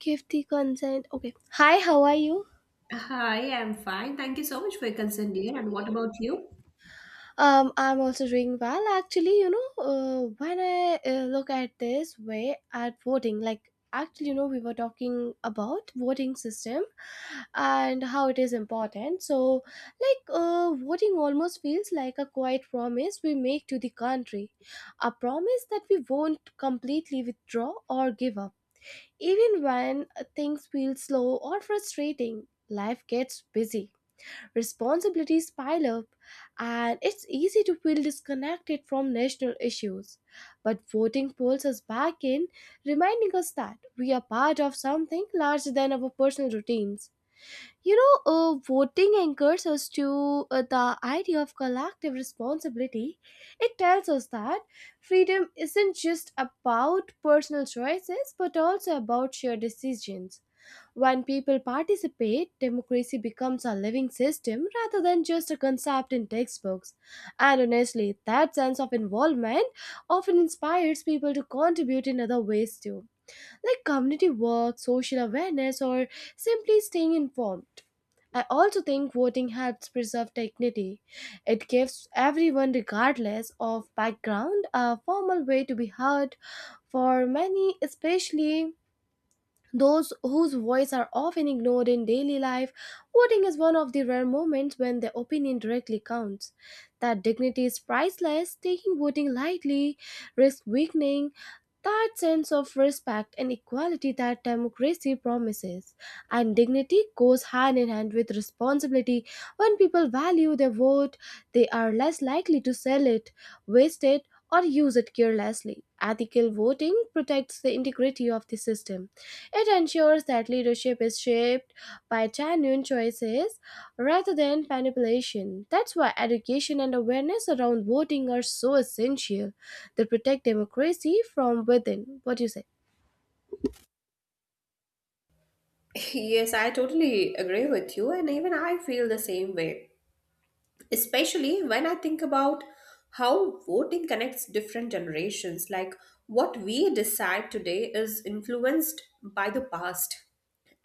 Give the consent. Okay. Hi, how are you? Hi, I'm fine. Thank you so much for your concern, dear. And what about you? I'm also doing well. Actually, when I look at this way at voting, like actually, we were talking about voting system and how it is important. So, voting almost feels like a quiet promise we make to the country, a promise that we won't completely withdraw or give up. Even when things feel slow or frustrating, life gets busy. Responsibilities pile up, and it's easy to feel disconnected from national issues. But voting pulls us back in, reminding us that we are part of something larger than our personal routines. Voting anchors us to the idea of collective responsibility. It tells us that freedom isn't just about personal choices but also about shared decisions. When people participate, democracy becomes a living system rather than just a concept in textbooks. And honestly, that sense of involvement often inspires people to contribute in other ways too, like community work, social awareness, or simply staying informed. I also think voting helps preserve dignity. It gives everyone, regardless of background, a formal way to be heard. For many, especially those whose voice are often ignored in daily life, voting is one of the rare moments when their opinion directly counts. That dignity is priceless. Taking voting lightly risks weakening that sense of respect and equality that democracy promises. And dignity goes hand in hand with responsibility. When people value their vote, they are less likely to sell it, waste it, or use it carelessly. Ethical voting protects the integrity of the system. It ensures that leadership is shaped by genuine choices rather than manipulation. That's why education and awareness around voting are so essential that protect democracy from within. What do you say? Yes, I totally agree with you, and even I feel the same way. Especially when I think about how voting connects different generations. Like what we decide today is influenced by the past,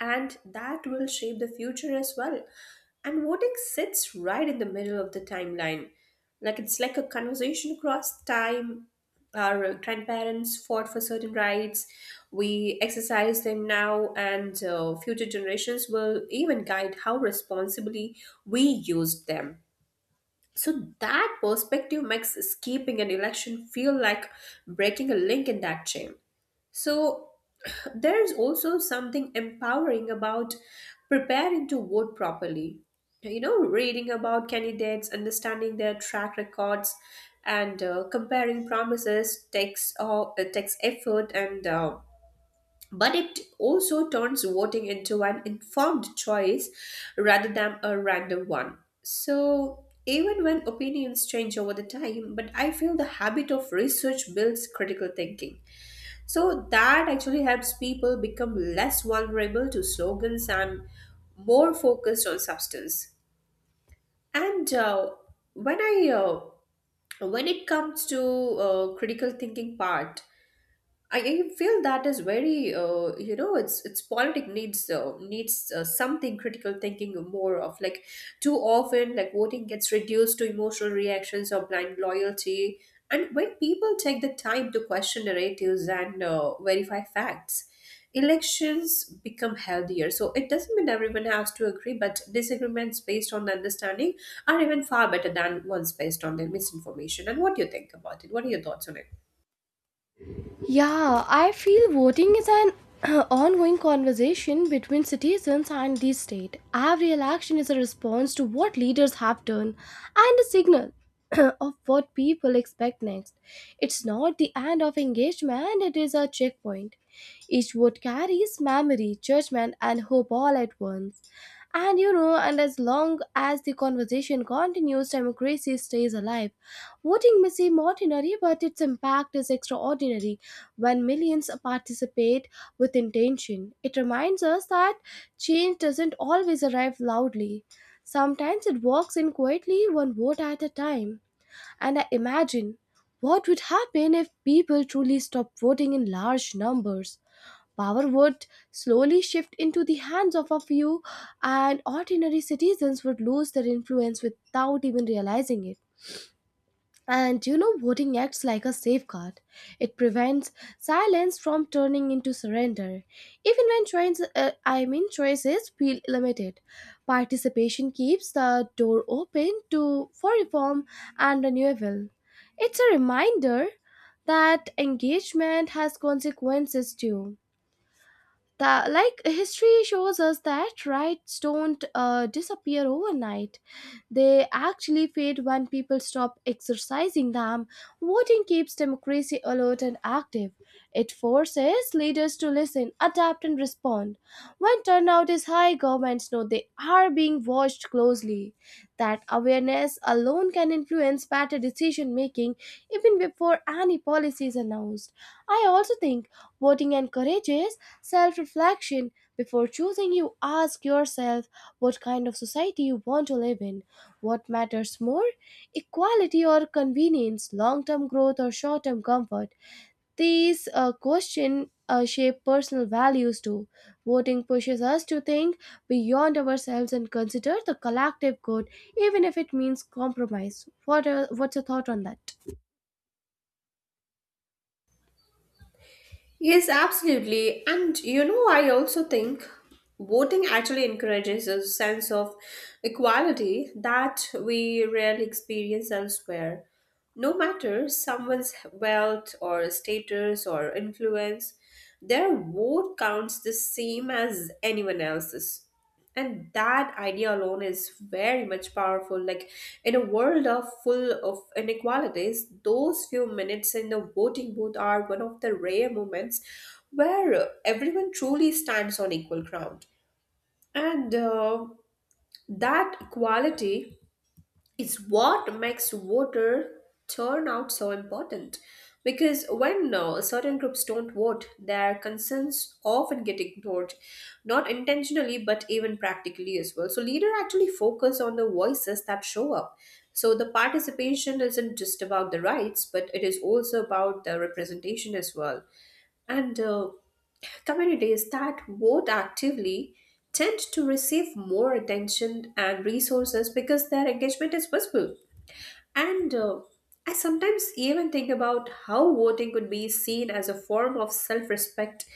and that will shape the future as well. And voting sits right in the middle of the timeline. Like it's like a conversation across time. Our grandparents fought for certain rights. We exercise them now, and future generations will even guide how responsibly we used them. So that perspective makes escaping an election feel like breaking a link in that chain. So there is also something empowering about preparing to vote properly. You know, reading about candidates, understanding their track records, and comparing promises takes it takes effort and. But it also turns voting into an informed choice rather than a random one. So, even when opinions change over the time, but I feel the habit of research builds critical thinking, so that actually helps people become less vulnerable to slogans and more focused on substance. And when I when it comes to critical thinking part, I feel that is very, it's politic needs something critical thinking more of like too often, like voting gets reduced to emotional reactions or blind loyalty, and when people take the time to question narratives and verify facts, elections become healthier. So it doesn't mean everyone has to agree, but disagreements based on understanding are even far better than ones based on their misinformation. And what do you think about it? What are your thoughts on it? Yeah, I feel voting is an ongoing conversation between citizens and the state. Every election is a response to what leaders have done and a signal of what people expect next. It's not the end of engagement, it is a checkpoint. Each vote carries memory, judgment, and hope all at once. And and as long as the conversation continues, democracy stays alive. Voting may seem ordinary, but its impact is extraordinary. When millions participate with intention, it reminds us that change doesn't always arrive loudly. Sometimes it walks in quietly, one vote at a time. And I imagine what would happen if people truly stopped voting in large numbers. Power would slowly shift into the hands of a few, and ordinary citizens would lose their influence without even realizing it. And voting acts like a safeguard. It prevents silence from turning into surrender. Even when choice, I mean choices feel limited, participation keeps the door open to for reform and renewal. It's a reminder that engagement has consequences too, that like history shows us that rights don't disappear overnight. They actually fade when people stop exercising them. Voting keeps democracy alert and active. It forces leaders to listen, adapt, and respond. When turnout is high, governments know they are being watched closely. That awareness alone can influence better decision making even before any policy is announced. I also think voting encourages self reflection. Before choosing, you ask yourself what kind of society you want to live in. What matters more? Equality or convenience, long term growth or short term comfort. These questions shape personal values too. Voting pushes us to think beyond ourselves and consider the collective good, even if it means compromise. What's your thought on that? Yes, absolutely. And you know, I also think voting actually encourages a sense of equality that we rarely experience elsewhere. No matter someone's wealth or status or influence, their vote counts the same as anyone else's, and that idea alone is very much powerful. Like in a world of full of inequalities, those few minutes in the voting booth are one of the rare moments where everyone truly stands on equal ground. And that equality, it's what makes voter turnout so important. Because when certain groups don't vote, their concerns often get ignored, not intentionally, but even practically as well. So, leader actually focus on the voices that show up. So, the participation isn't just about the rights, but it is also about the representation as well. And communities that vote actively tend to receive more attention and resources because their engagement is visible. And I sometimes even think about how voting could be seen as a form of self respect.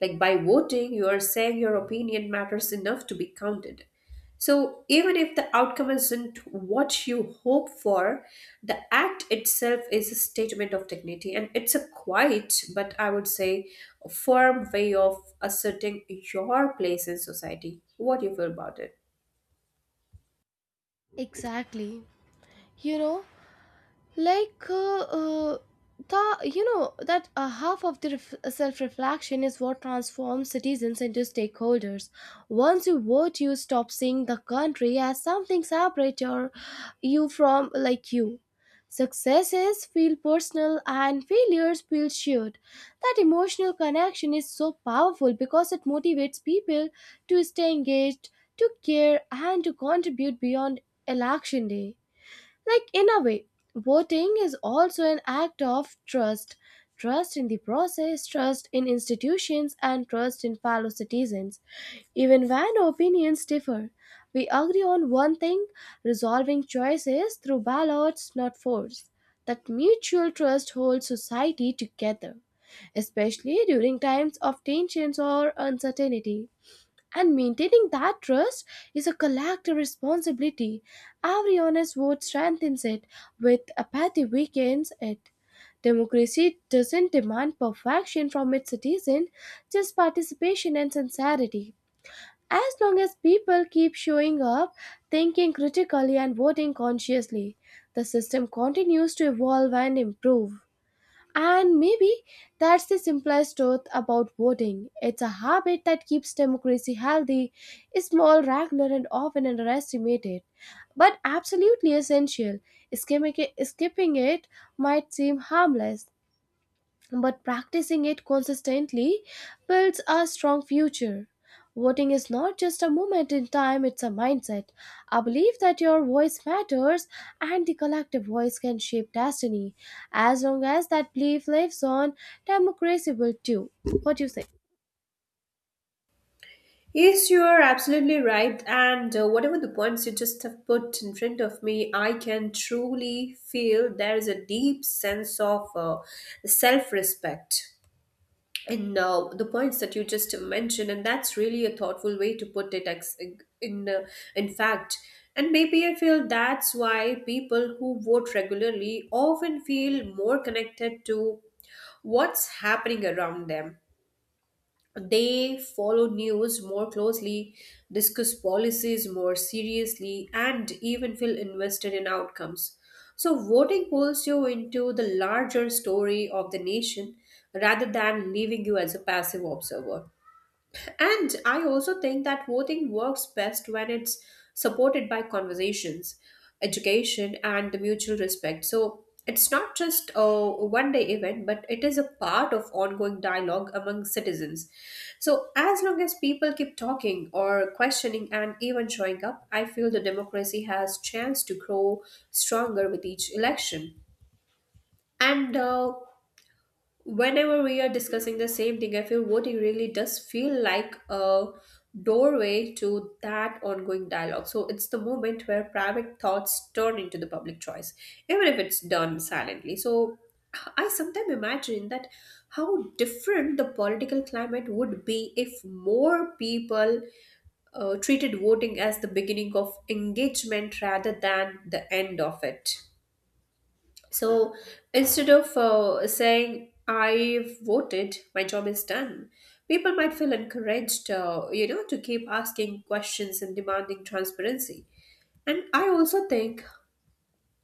Like by voting, you are saying your opinion matters enough to be counted. So even if the outcome isn't what you hope for, the act itself is a statement of dignity, and it's a quiet, but I would say firm way of asserting your place in society. What do you feel about it? Exactly. You know, like the you know that Half of the self-reflection is what transforms citizens into stakeholders. Once you vote, you stop seeing the country as something separate or you from like you Successes feel personal and failures feel shared. That emotional connection is so powerful because it motivates people to stay engaged, to care, and to contribute beyond election day. Like, in a way, voting is also an act of trust, trust in the process, trust in institutions, and trust in fellow citizens. Even when opinions differ, we agree on one thing: resolving choices through ballots, not force. That mutual trust holds society together, especially during times of tensions or uncertainty. And maintaining that trust is a collective responsibility. Every honest vote strengthens it, with apathy weakens it. Democracy doesn't demand perfection from its citizen, just participation and sincerity. As long as people keep showing up, thinking critically, and voting consciously, the system continues to evolve and improve. And maybe that's the simplest truth about voting. It's a habit that keeps democracy healthy, small, regular, and often underestimated, but absolutely essential. Skipping it might seem harmless, but practicing it consistently builds a strong future. Voting is not just a moment in time, it's a mindset. I believe that your voice matters and the collective voice can shape destiny. As long as that belief lives on, democracy will too. What do you say? Yes, you are absolutely right. And whatever the points you just have put in front of me, I can truly feel there is a deep sense of self respect in the points that you just mentioned. And that's really a thoughtful way to put it, in, uh, in fact. And maybe I feel that's why people who vote regularly often feel more connected to what's happening around them. They follow news more closely, discuss policies more seriously, and even feel invested in outcomes. So, voting pulls you into the larger story of the nation rather than leaving you as a passive observer. And I also think that voting works best when it's supported by conversations, education, and the mutual respect. So it's not just a one day event, but it is a part of ongoing dialogue among citizens. So as long as people keep talking or questioning and even showing up, I feel the democracy has chance to grow stronger with each election. And whenever we are discussing the same thing, I feel voting really does feel like a doorway to that ongoing dialogue. So it's the moment where private thoughts turn into the public choice, even if it's done silently. So I sometimes imagine that how different the political climate would be if more people treated voting as the beginning of engagement rather than the end of it. So instead of saying, "I voted, my job is done," people might feel encouraged, to keep asking questions and demanding transparency. And I also think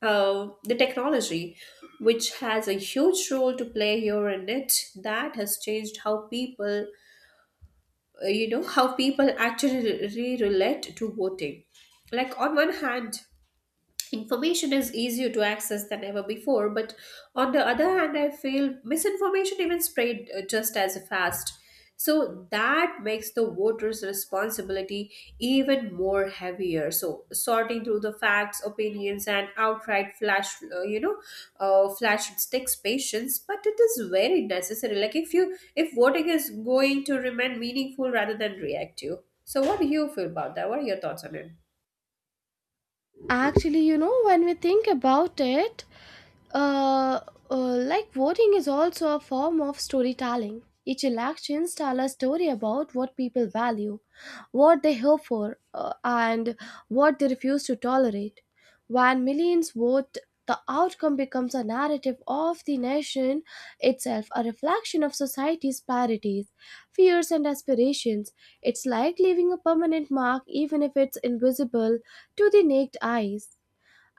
the technology, which has a huge role to play here in it, that has changed how people, how people actually re relate to voting. Like, on one hand, information is easier to access than ever before, but on the other hand, I feel misinformation even spread just as fast. So that makes the voters' responsibility even more heavier. So sorting through the facts, opinions, and outright flash, flash takes patience, but it is very necessary. Like if voting is going to remain meaningful rather than reactive. So what do you feel about that? What are your thoughts on it? Actually, you know, when we think about it, uh, like voting is also a form of storytelling. Each elections tell a story about what people value, what they hope for, and what they refuse to tolerate. When millions vote, the outcome becomes a narrative of the nation itself, a reflection of society's priorities, fears, and aspirations. It's like leaving a permanent mark, even if it's invisible to the naked eyes,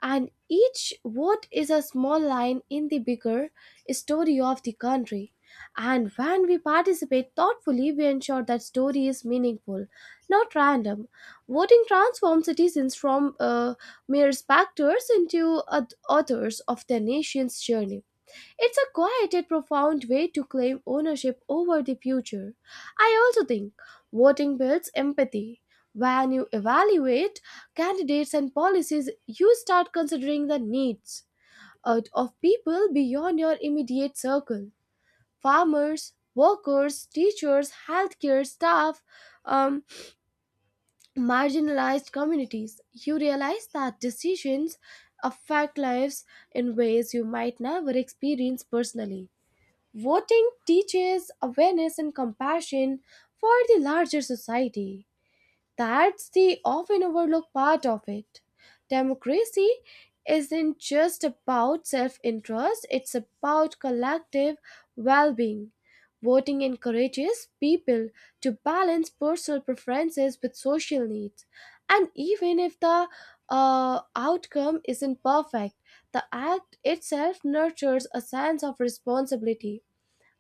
and each vote is a small line in the bigger story of the country. And when we participate thoughtfully, we ensure that story is meaningful, not random. Voting transforms citizens from mere spectators into authors of their nation's journey. It's a quiet yet profound way to claim ownership over the future. I also think voting builds empathy. When you evaluate candidates and policies, you start considering the needs out of people beyond your immediate circle: farmers, workers, teachers, healthcare staff, um, marginalized communities. You realize that decisions affect lives in ways you might never experience personally. Voting teaches awareness and compassion for the larger society. That's the often overlooked part of it. Democracy isn't just about self interest, it's about collective well being. Voting encourages people to balance personal preferences with social needs. And even if the outcome isn't perfect, the act itself nurtures a sense of responsibility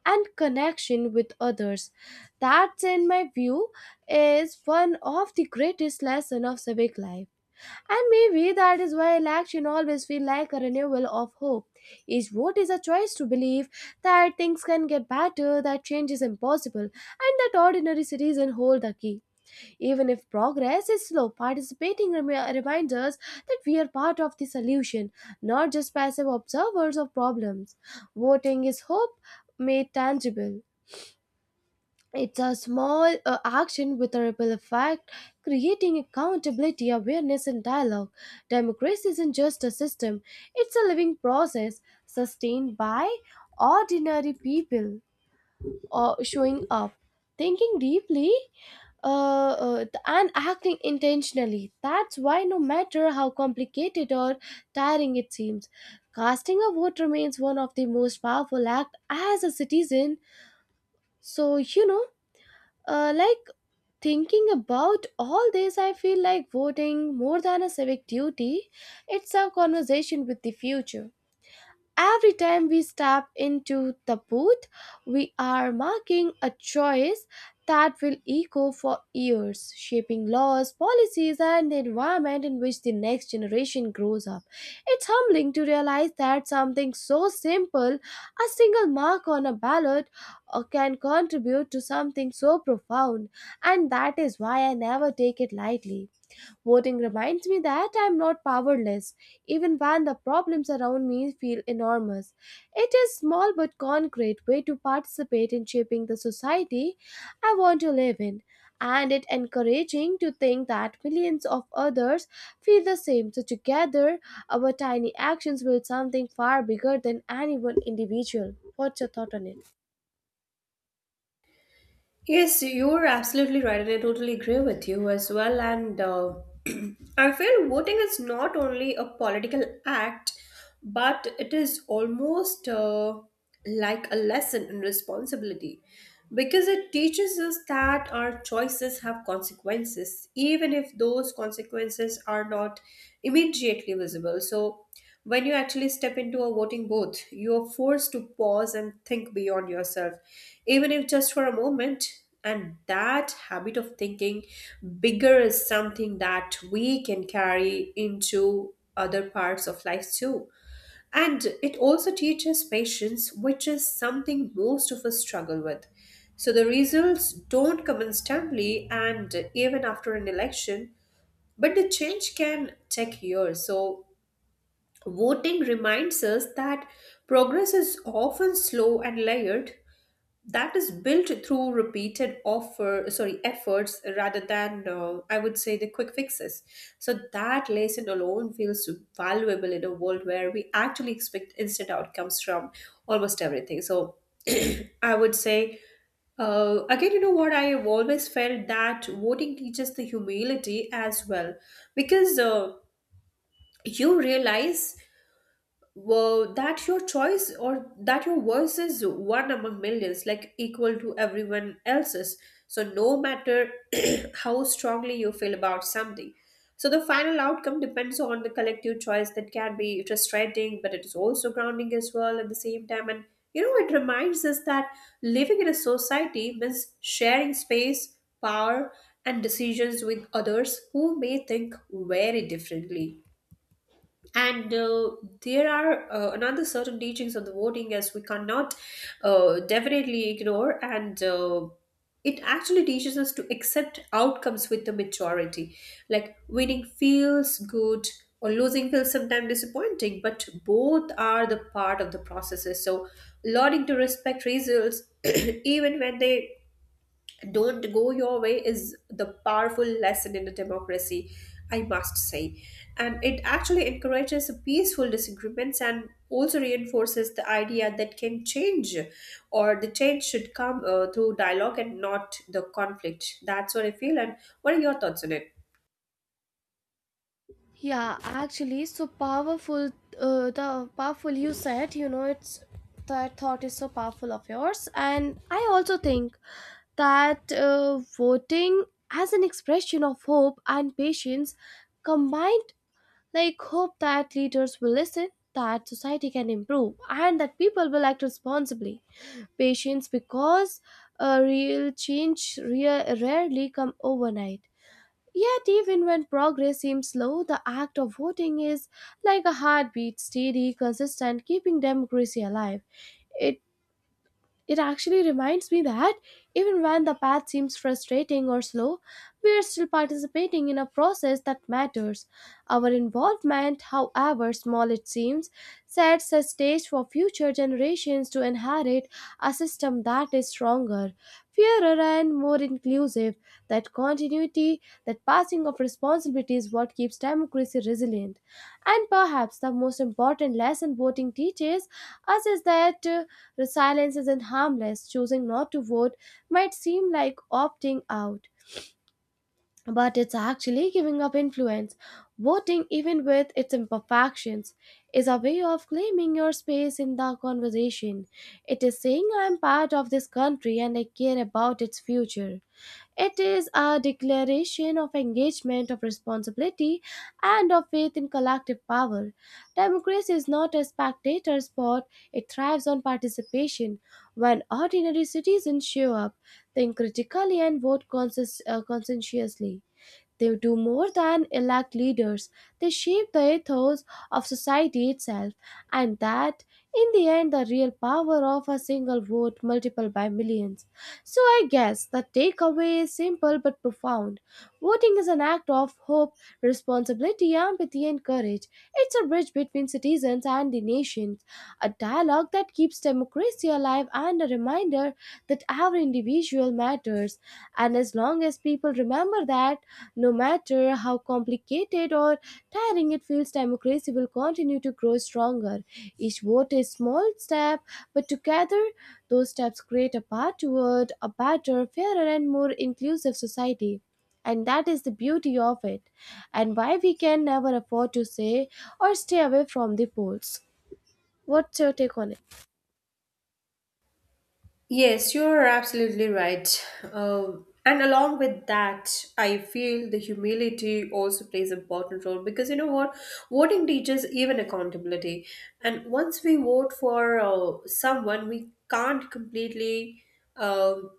and connection with others. That, in my view, is one of the greatest lessons of civic life. And maybe that is why election always feel like a renewal of hope. Each vote is a choice to believe that things can get better, that change is impossible, and that ordinary citizens hold the key. Even if progress is slow, participating reminds us that we are part of the solution, not just passive observers of problems. Voting is hope made tangible. It's a small action with a ripple effect, creating accountability, awareness, and dialogue. Democracy isn't just a system, it's a living process sustained by ordinary people or showing up, thinking deeply, and acting intentionally. That's why, no matter how complicated or tiring it seems, casting a vote remains one of the most powerful act as a citizen. So like thinking about all this, I feel like voting more than a civic duty. It's a conversation with the future. Every time we step into the booth, we are making a choice that will echo for years, shaping laws, policies, and the environment in which the next generation grows up. It's humbling to realize that something so simple, a single mark on a ballot, can contribute to something so profound, and that is why I never take it lightly. Voting reminds me that I'm not powerless, even when the problems around me feel enormous. It is a small but concrete way to participate in shaping the society I want to live in. And it encouraging to think that millions of others feel the same. So together, our tiny actions build something far bigger than any one individual. What's your thought on it? Yes, you're absolutely right, and I totally agree with you as well. And I feel voting is not only a political act, but it is almost like a lesson in responsibility, because it teaches us that our choices have consequences, even if those consequences are not immediately visible. So, when you actually step into a voting booth, you are forced to pause and think beyond yourself, even if just for a moment. And that habit of thinking bigger is something that we can carry into other parts of life too. And it also teaches patience, which is something most of us struggle with. So the results don't come instantly and even after an election, but the change can take years. So voting reminds us that progress is often slow and layered, that is built through repeated offer sorry efforts rather than I would say the quick fixes. So that lesson alone feels valuable in a world where we actually expect instant outcomes from almost everything. So I would say, again, you know what? I have always felt that voting teaches the humility as well, because you realize, well, that your choice or that your voice is one among millions, like equal to everyone else's. So, no matter how strongly you feel about something. So, the final outcome depends on the collective choice that can be frustrating, but it is also grounding as well at the same time. And, you know, it reminds us that living in a society means sharing space, power, and decisions with others who may think very differently. And there are another certain teachings of the voting as we cannot definitely ignore. And it actually teaches us to accept outcomes with the majority. Like winning feels good or losing feels sometimes disappointing, but both are the part of the processes. So learning to respect results even when they don't go your way is the powerful lesson in a democracy, I must say. And it actually encourages peaceful disagreements and also reinforces the idea that can change or the change should come through dialogue and not the conflict. That's what I feel. And what are your thoughts on it? Yeah, actually, so powerful. The powerful you said, you know, it's that thought is so powerful of yours, and I also think that voting as an expression of hope and patience combined, like hope that leaders will listen, that society can improve, and that people will act responsibly. Patience because a real change rarely come overnight. Yet, even when progress seems slow, the act of voting is like a heartbeat, steady, consistent, keeping democracy alive. It it actually reminds me that even when the path seems frustrating or slow, we are still participating in a process that matters. Our involvement, however small it seems, sets the stage for future generations to inherit a system that is stronger, fairer, and more inclusive. That continuity, that passing of responsibility is what keeps democracy resilient. And perhaps the most important lesson voting teaches us is that resilience isn't harmless. Choosing not to vote might seem like opting out, but it's actually giving up influence. Voting, even with its imperfections, is a way of claiming your space in the conversation. It is saying, "I'm part of this country and I care about its future." It is a declaration of engagement, of responsibility, and of faith in collective power. Democracy is not a spectator sport, it thrives on participation. When ordinary citizens show up, think critically, and vote conscientiously. They do more than elect leaders, they shape the ethos of society itself, and that, in the end, the real power of a single vote multiplied by millions. So, I guess the takeaway is simple but profound. Voting is an act of hope, responsibility, empathy, and courage. It's a bridge between citizens and the nations, a dialogue that keeps democracy alive, and a reminder that every individual matters. And as long as people remember that, no matter how complicated or tiring it feels, democracy will continue to grow stronger. Each vote is small step, but together those steps create a path toward a better, fairer, and more inclusive society. And that is the beauty of it, and why we can never afford to say or stay away from the polls. What's your take on it? Yes, you're absolutely right. And along with that, I feel the humility also plays an important role, because you know what? Voting teaches even accountability. And once we vote for someone, we can't completely. Um,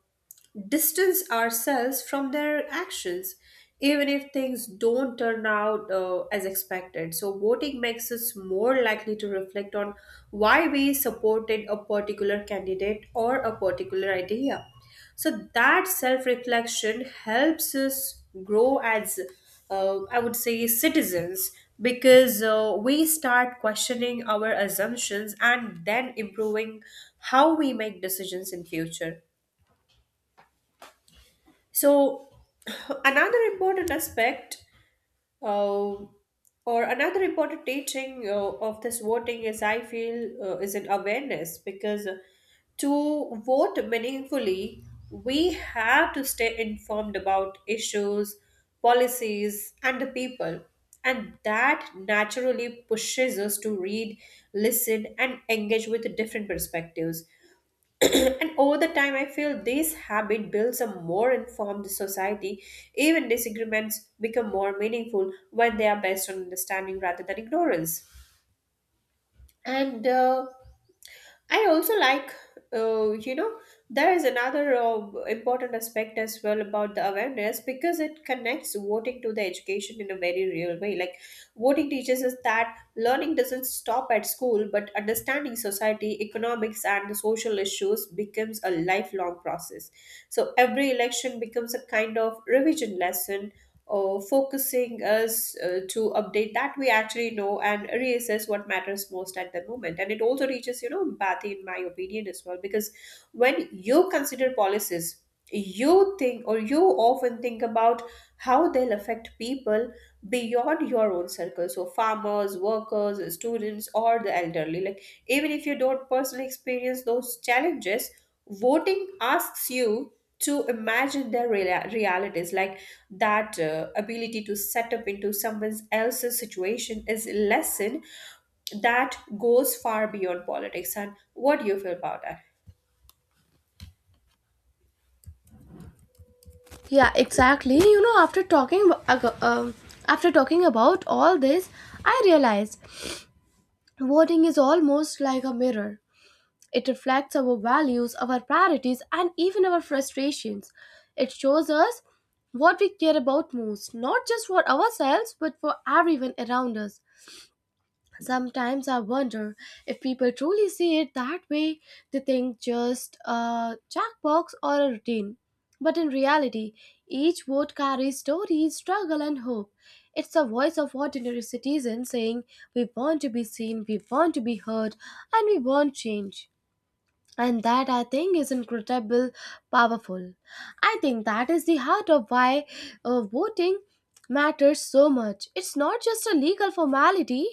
distance ourselves from their actions, even if things don't turn out as expected. So, voting makes us more likely to reflect on why we supported a particular candidate or a particular idea. So, that self reflection helps us grow as, I would say, citizens, because we start questioning our assumptions and then improving how we make decisions in future. So, another important aspect, uh, or another important teaching of this voting is, I feel, is an awareness, because to vote meaningfully, we have to stay informed about issues, policies, and the people. And that naturally pushes us to read, listen, and engage with different perspectives. And over the time, I feel this habit builds a more informed society. Even disagreements become more meaningful when they are based on understanding rather than ignorance. And I also like, uh, you know, there is another important aspect as well about the awareness, because it connects voting to the education in a very real way. Like, voting teaches us that learning doesn't stop at school, but understanding society, economics, and the social issues becomes a lifelong process. So, every election becomes a kind of revision lesson focusing us to update that we actually know and reassess what matters most at the moment. And it also reaches, you know, empathy, in my opinion, as well, because when you consider policies, you think or you often think about how they'll affect people beyond your own circle, so farmers, workers, students, or the elderly. Like even if you don't personally experience those challenges, voting asks you to imagine their realities. Like that ability to set up into someone else's situation is lesson that goes far beyond politics. And what do you feel about that? Yeah, exactly. You know, after talking ab- ag- um, after talking about all this, I realized voting is almost like a mirror. It reflects our values, our priorities, and even our frustrations. It shows us what we care about most, not just for ourselves, but for everyone around us. Sometimes I wonder if people truly see it that way. They think just a checkbox or a routine. But in reality, each vote carries stories, struggle, and hope. It's the voice of ordinary citizens saying, "We want to be seen, we want to be heard, and we want change." And that, I think, is incredible, powerful. I think that is the heart of why voting matters so much. It's not just a legal formality,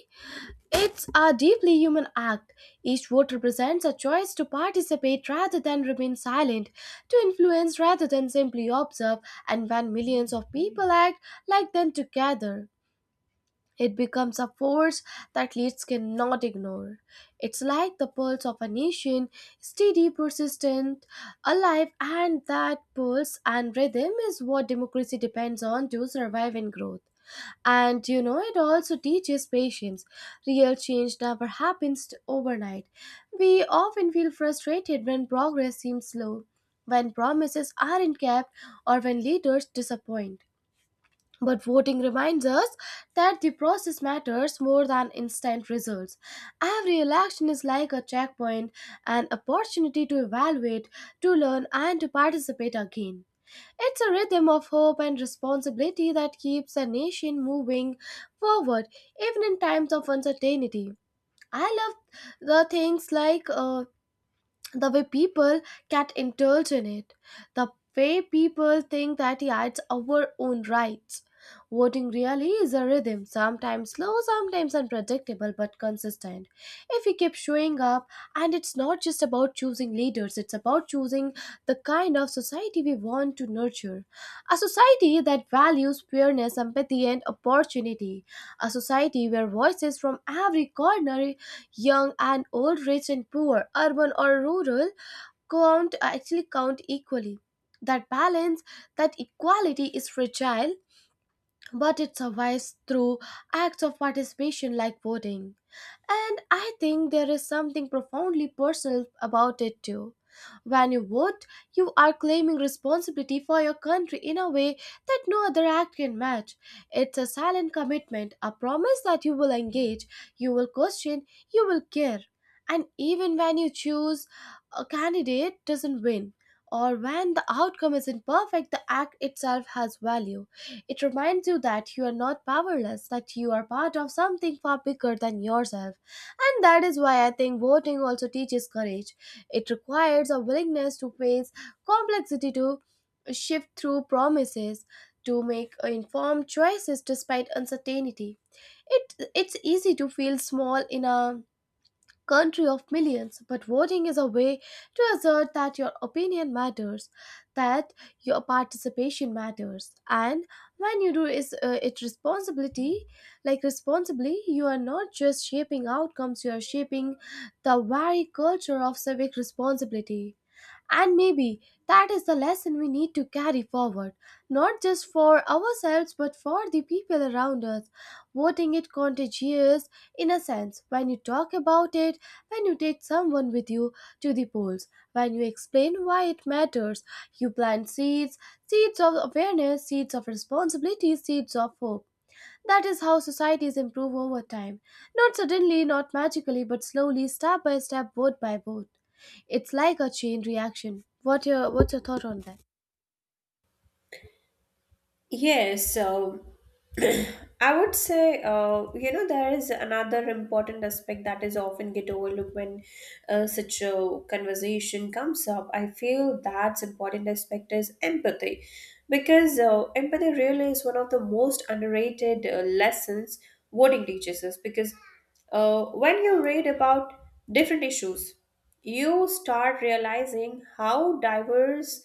it's a deeply human act. Each vote represents a choice to participate rather than remain silent, to influence rather than simply observe, and when millions of people act like them together, it becomes a force that leaders cannot ignore. It's like the pulse of a nation, steady, persistent, alive, and that pulse and rhythm is what democracy depends on to survive and grow. And you know, it also teaches patience. Real change never happens overnight. We often feel frustrated when progress seems slow, when promises aren't kept, or when leaders disappoint. But voting reminds us that the process matters more than instant results. Every election is like a checkpoint, an opportunity to evaluate, to learn, and to participate again. It's a rhythm of hope and responsibility that keeps a nation moving forward, even in times of uncertainty. I love the things like the way people get indulged in it, the way people think that yeah, it's our own rights. Voting really is a rhythm, sometimes slow, sometimes unpredictable, but consistent. If we keep showing up, and it's not just about choosing leaders, it's about choosing the kind of society we want to nurture. A society that values fairness, empathy, and opportunity. A society where voices from every corner, young and old, rich and poor, urban or rural, count actually count equally. That balance, that equality is fragile, but it survives through acts of participation like voting. And I think there is something profoundly personal about it too. When you vote, you are claiming responsibility for your country in a way that no other act can match. It's a silent commitment, a promise that you will engage, you will question, you will care. And even when you choose a candidate doesn't win, or when the outcome isn't perfect, the act itself has value. It reminds you that you are not powerless, that you are part of something far bigger than yourself. And that is why I think voting also teaches courage. It requires a willingness to face complexity, to shift through promises, to make informed choices despite uncertainty. It's easy to feel small in a country of millions, but voting is a way to assert that your opinion matters, that your participation matters, and when you do is it responsibility, like responsibly, you are not just shaping outcomes, you are shaping the very culture of civic responsibility. And maybe that is the lesson we need to carry forward, not just for ourselves but for the people around us. Voting is contagious in a sense. When you talk about it, when you take someone with you to the polls, when you explain why it matters, you plant seeds, seeds of awareness, seeds of responsibility, seeds of hope. That is how societies improve over time. Not suddenly, not magically, but slowly, step by step, vote by vote. It's like a chain reaction. What's your thought on that? Yes, so I would say, there is another important aspect that is often get overlooked when such a conversation comes up. I feel that's important aspect is empathy, because empathy really is one of the most underrated lessons wording teaches us. Because when you read about different issues, you start realizing how diverse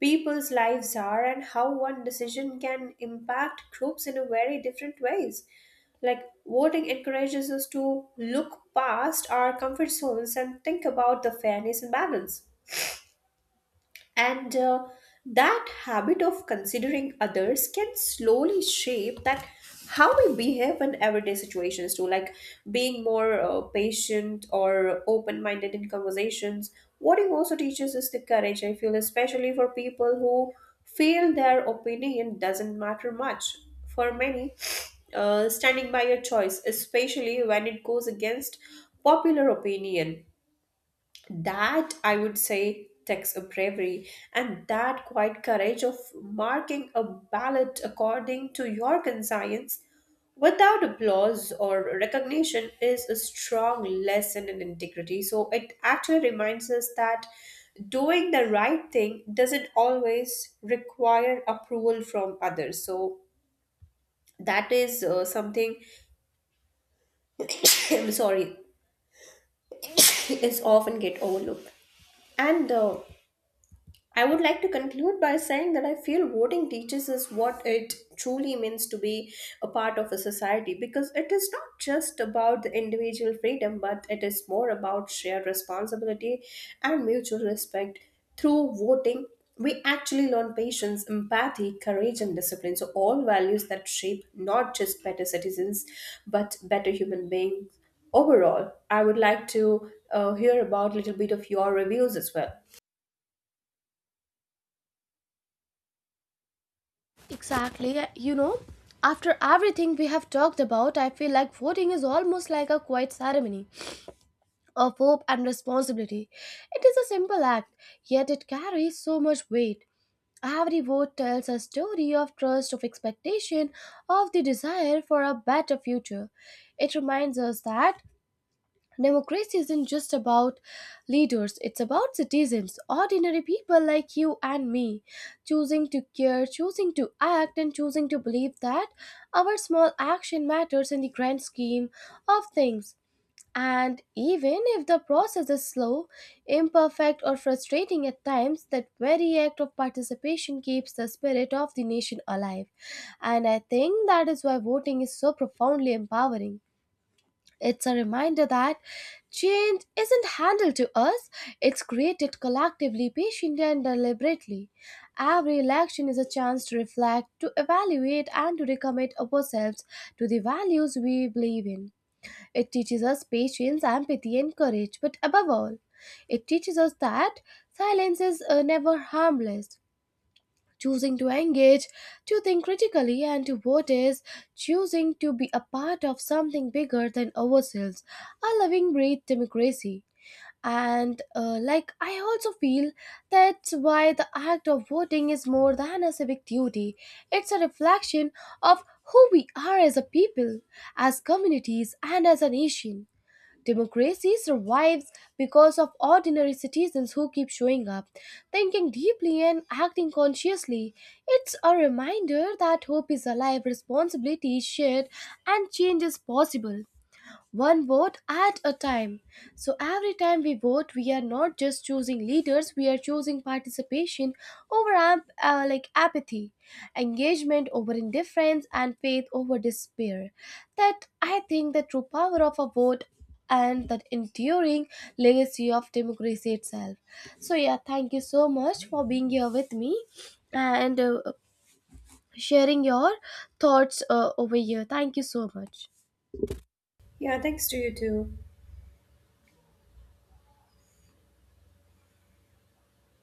people's lives are and how one decision can impact groups in a very different ways. Like voting encourages us to look past our comfort zones and think about the fairness and balance. And that habit of considering others can slowly shape that how we behave in everyday situations too, like being more patient or open-minded in conversations. What it also teaches is the courage, I feel, especially for people who feel their opinion doesn't matter much. For many, standing by your choice, especially when it goes against popular opinion, that, I would say, takes a bravery. And that quiet courage of marking a ballot according to your conscience without applause or recognition is a strong lesson in integrity. So it actually reminds us that doing the right thing doesn't always require approval from others. So that is something, I'm sorry, is often get overlooked. And I would like to conclude by saying that I feel voting teaches us what it truly means to be a part of a society, because it is not just about the individual freedom, but it is more about shared responsibility and mutual respect. Through voting, we actually learn patience, empathy, courage, and discipline. So, all values that shape not just better citizens, but better human beings overall. I would like to hear about a little bit of your reviews as well. Exactly. You know, after everything we have talked about, I feel like voting is almost like a quiet ceremony of hope and responsibility. It is a simple act, yet it carries so much weight. Every vote tells a story of trust, of expectation, of the desire for a better future. It reminds us that democracy isn't just about leaders, it's about citizens, ordinary people like you and me, choosing to care, choosing to act, and choosing to believe that our small action matters in the grand scheme of things. And even if the process is slow, imperfect, or frustrating at times, that very act of participation keeps the spirit of the nation alive. And I think that is why voting is so profoundly empowering. It's a reminder that change isn't handled to us, it's created collectively, patiently, and deliberately. Every election is a chance to reflect, to evaluate, and to recommit ourselves to the values we believe in. It teaches us patience, empathy, and courage, but above all, it teaches us that silence is never harmless. Choosing to engage, to think critically, and to vote is choosing to be a part of something bigger than ourselves, a living, breathe democracy. And like I also feel that's why the act of voting is more than a civic duty. It's a reflection of who we are as a people, as communities, and as a nation. Democracy survives because of ordinary citizens who keep showing up, thinking deeply and acting consciously. It's a reminder that hope is alive, responsibility is shared, and change is possible one vote at a time. So every time we vote, we are not just choosing leaders, we are choosing participation over like apathy, engagement over indifference, and faith over despair. That I think the true power of a vote and that enduring legacy of democracy itself. So yeah, thank you so much for being here with me and sharing your thoughts over here. Thank you so much. Yeah, thanks to you too.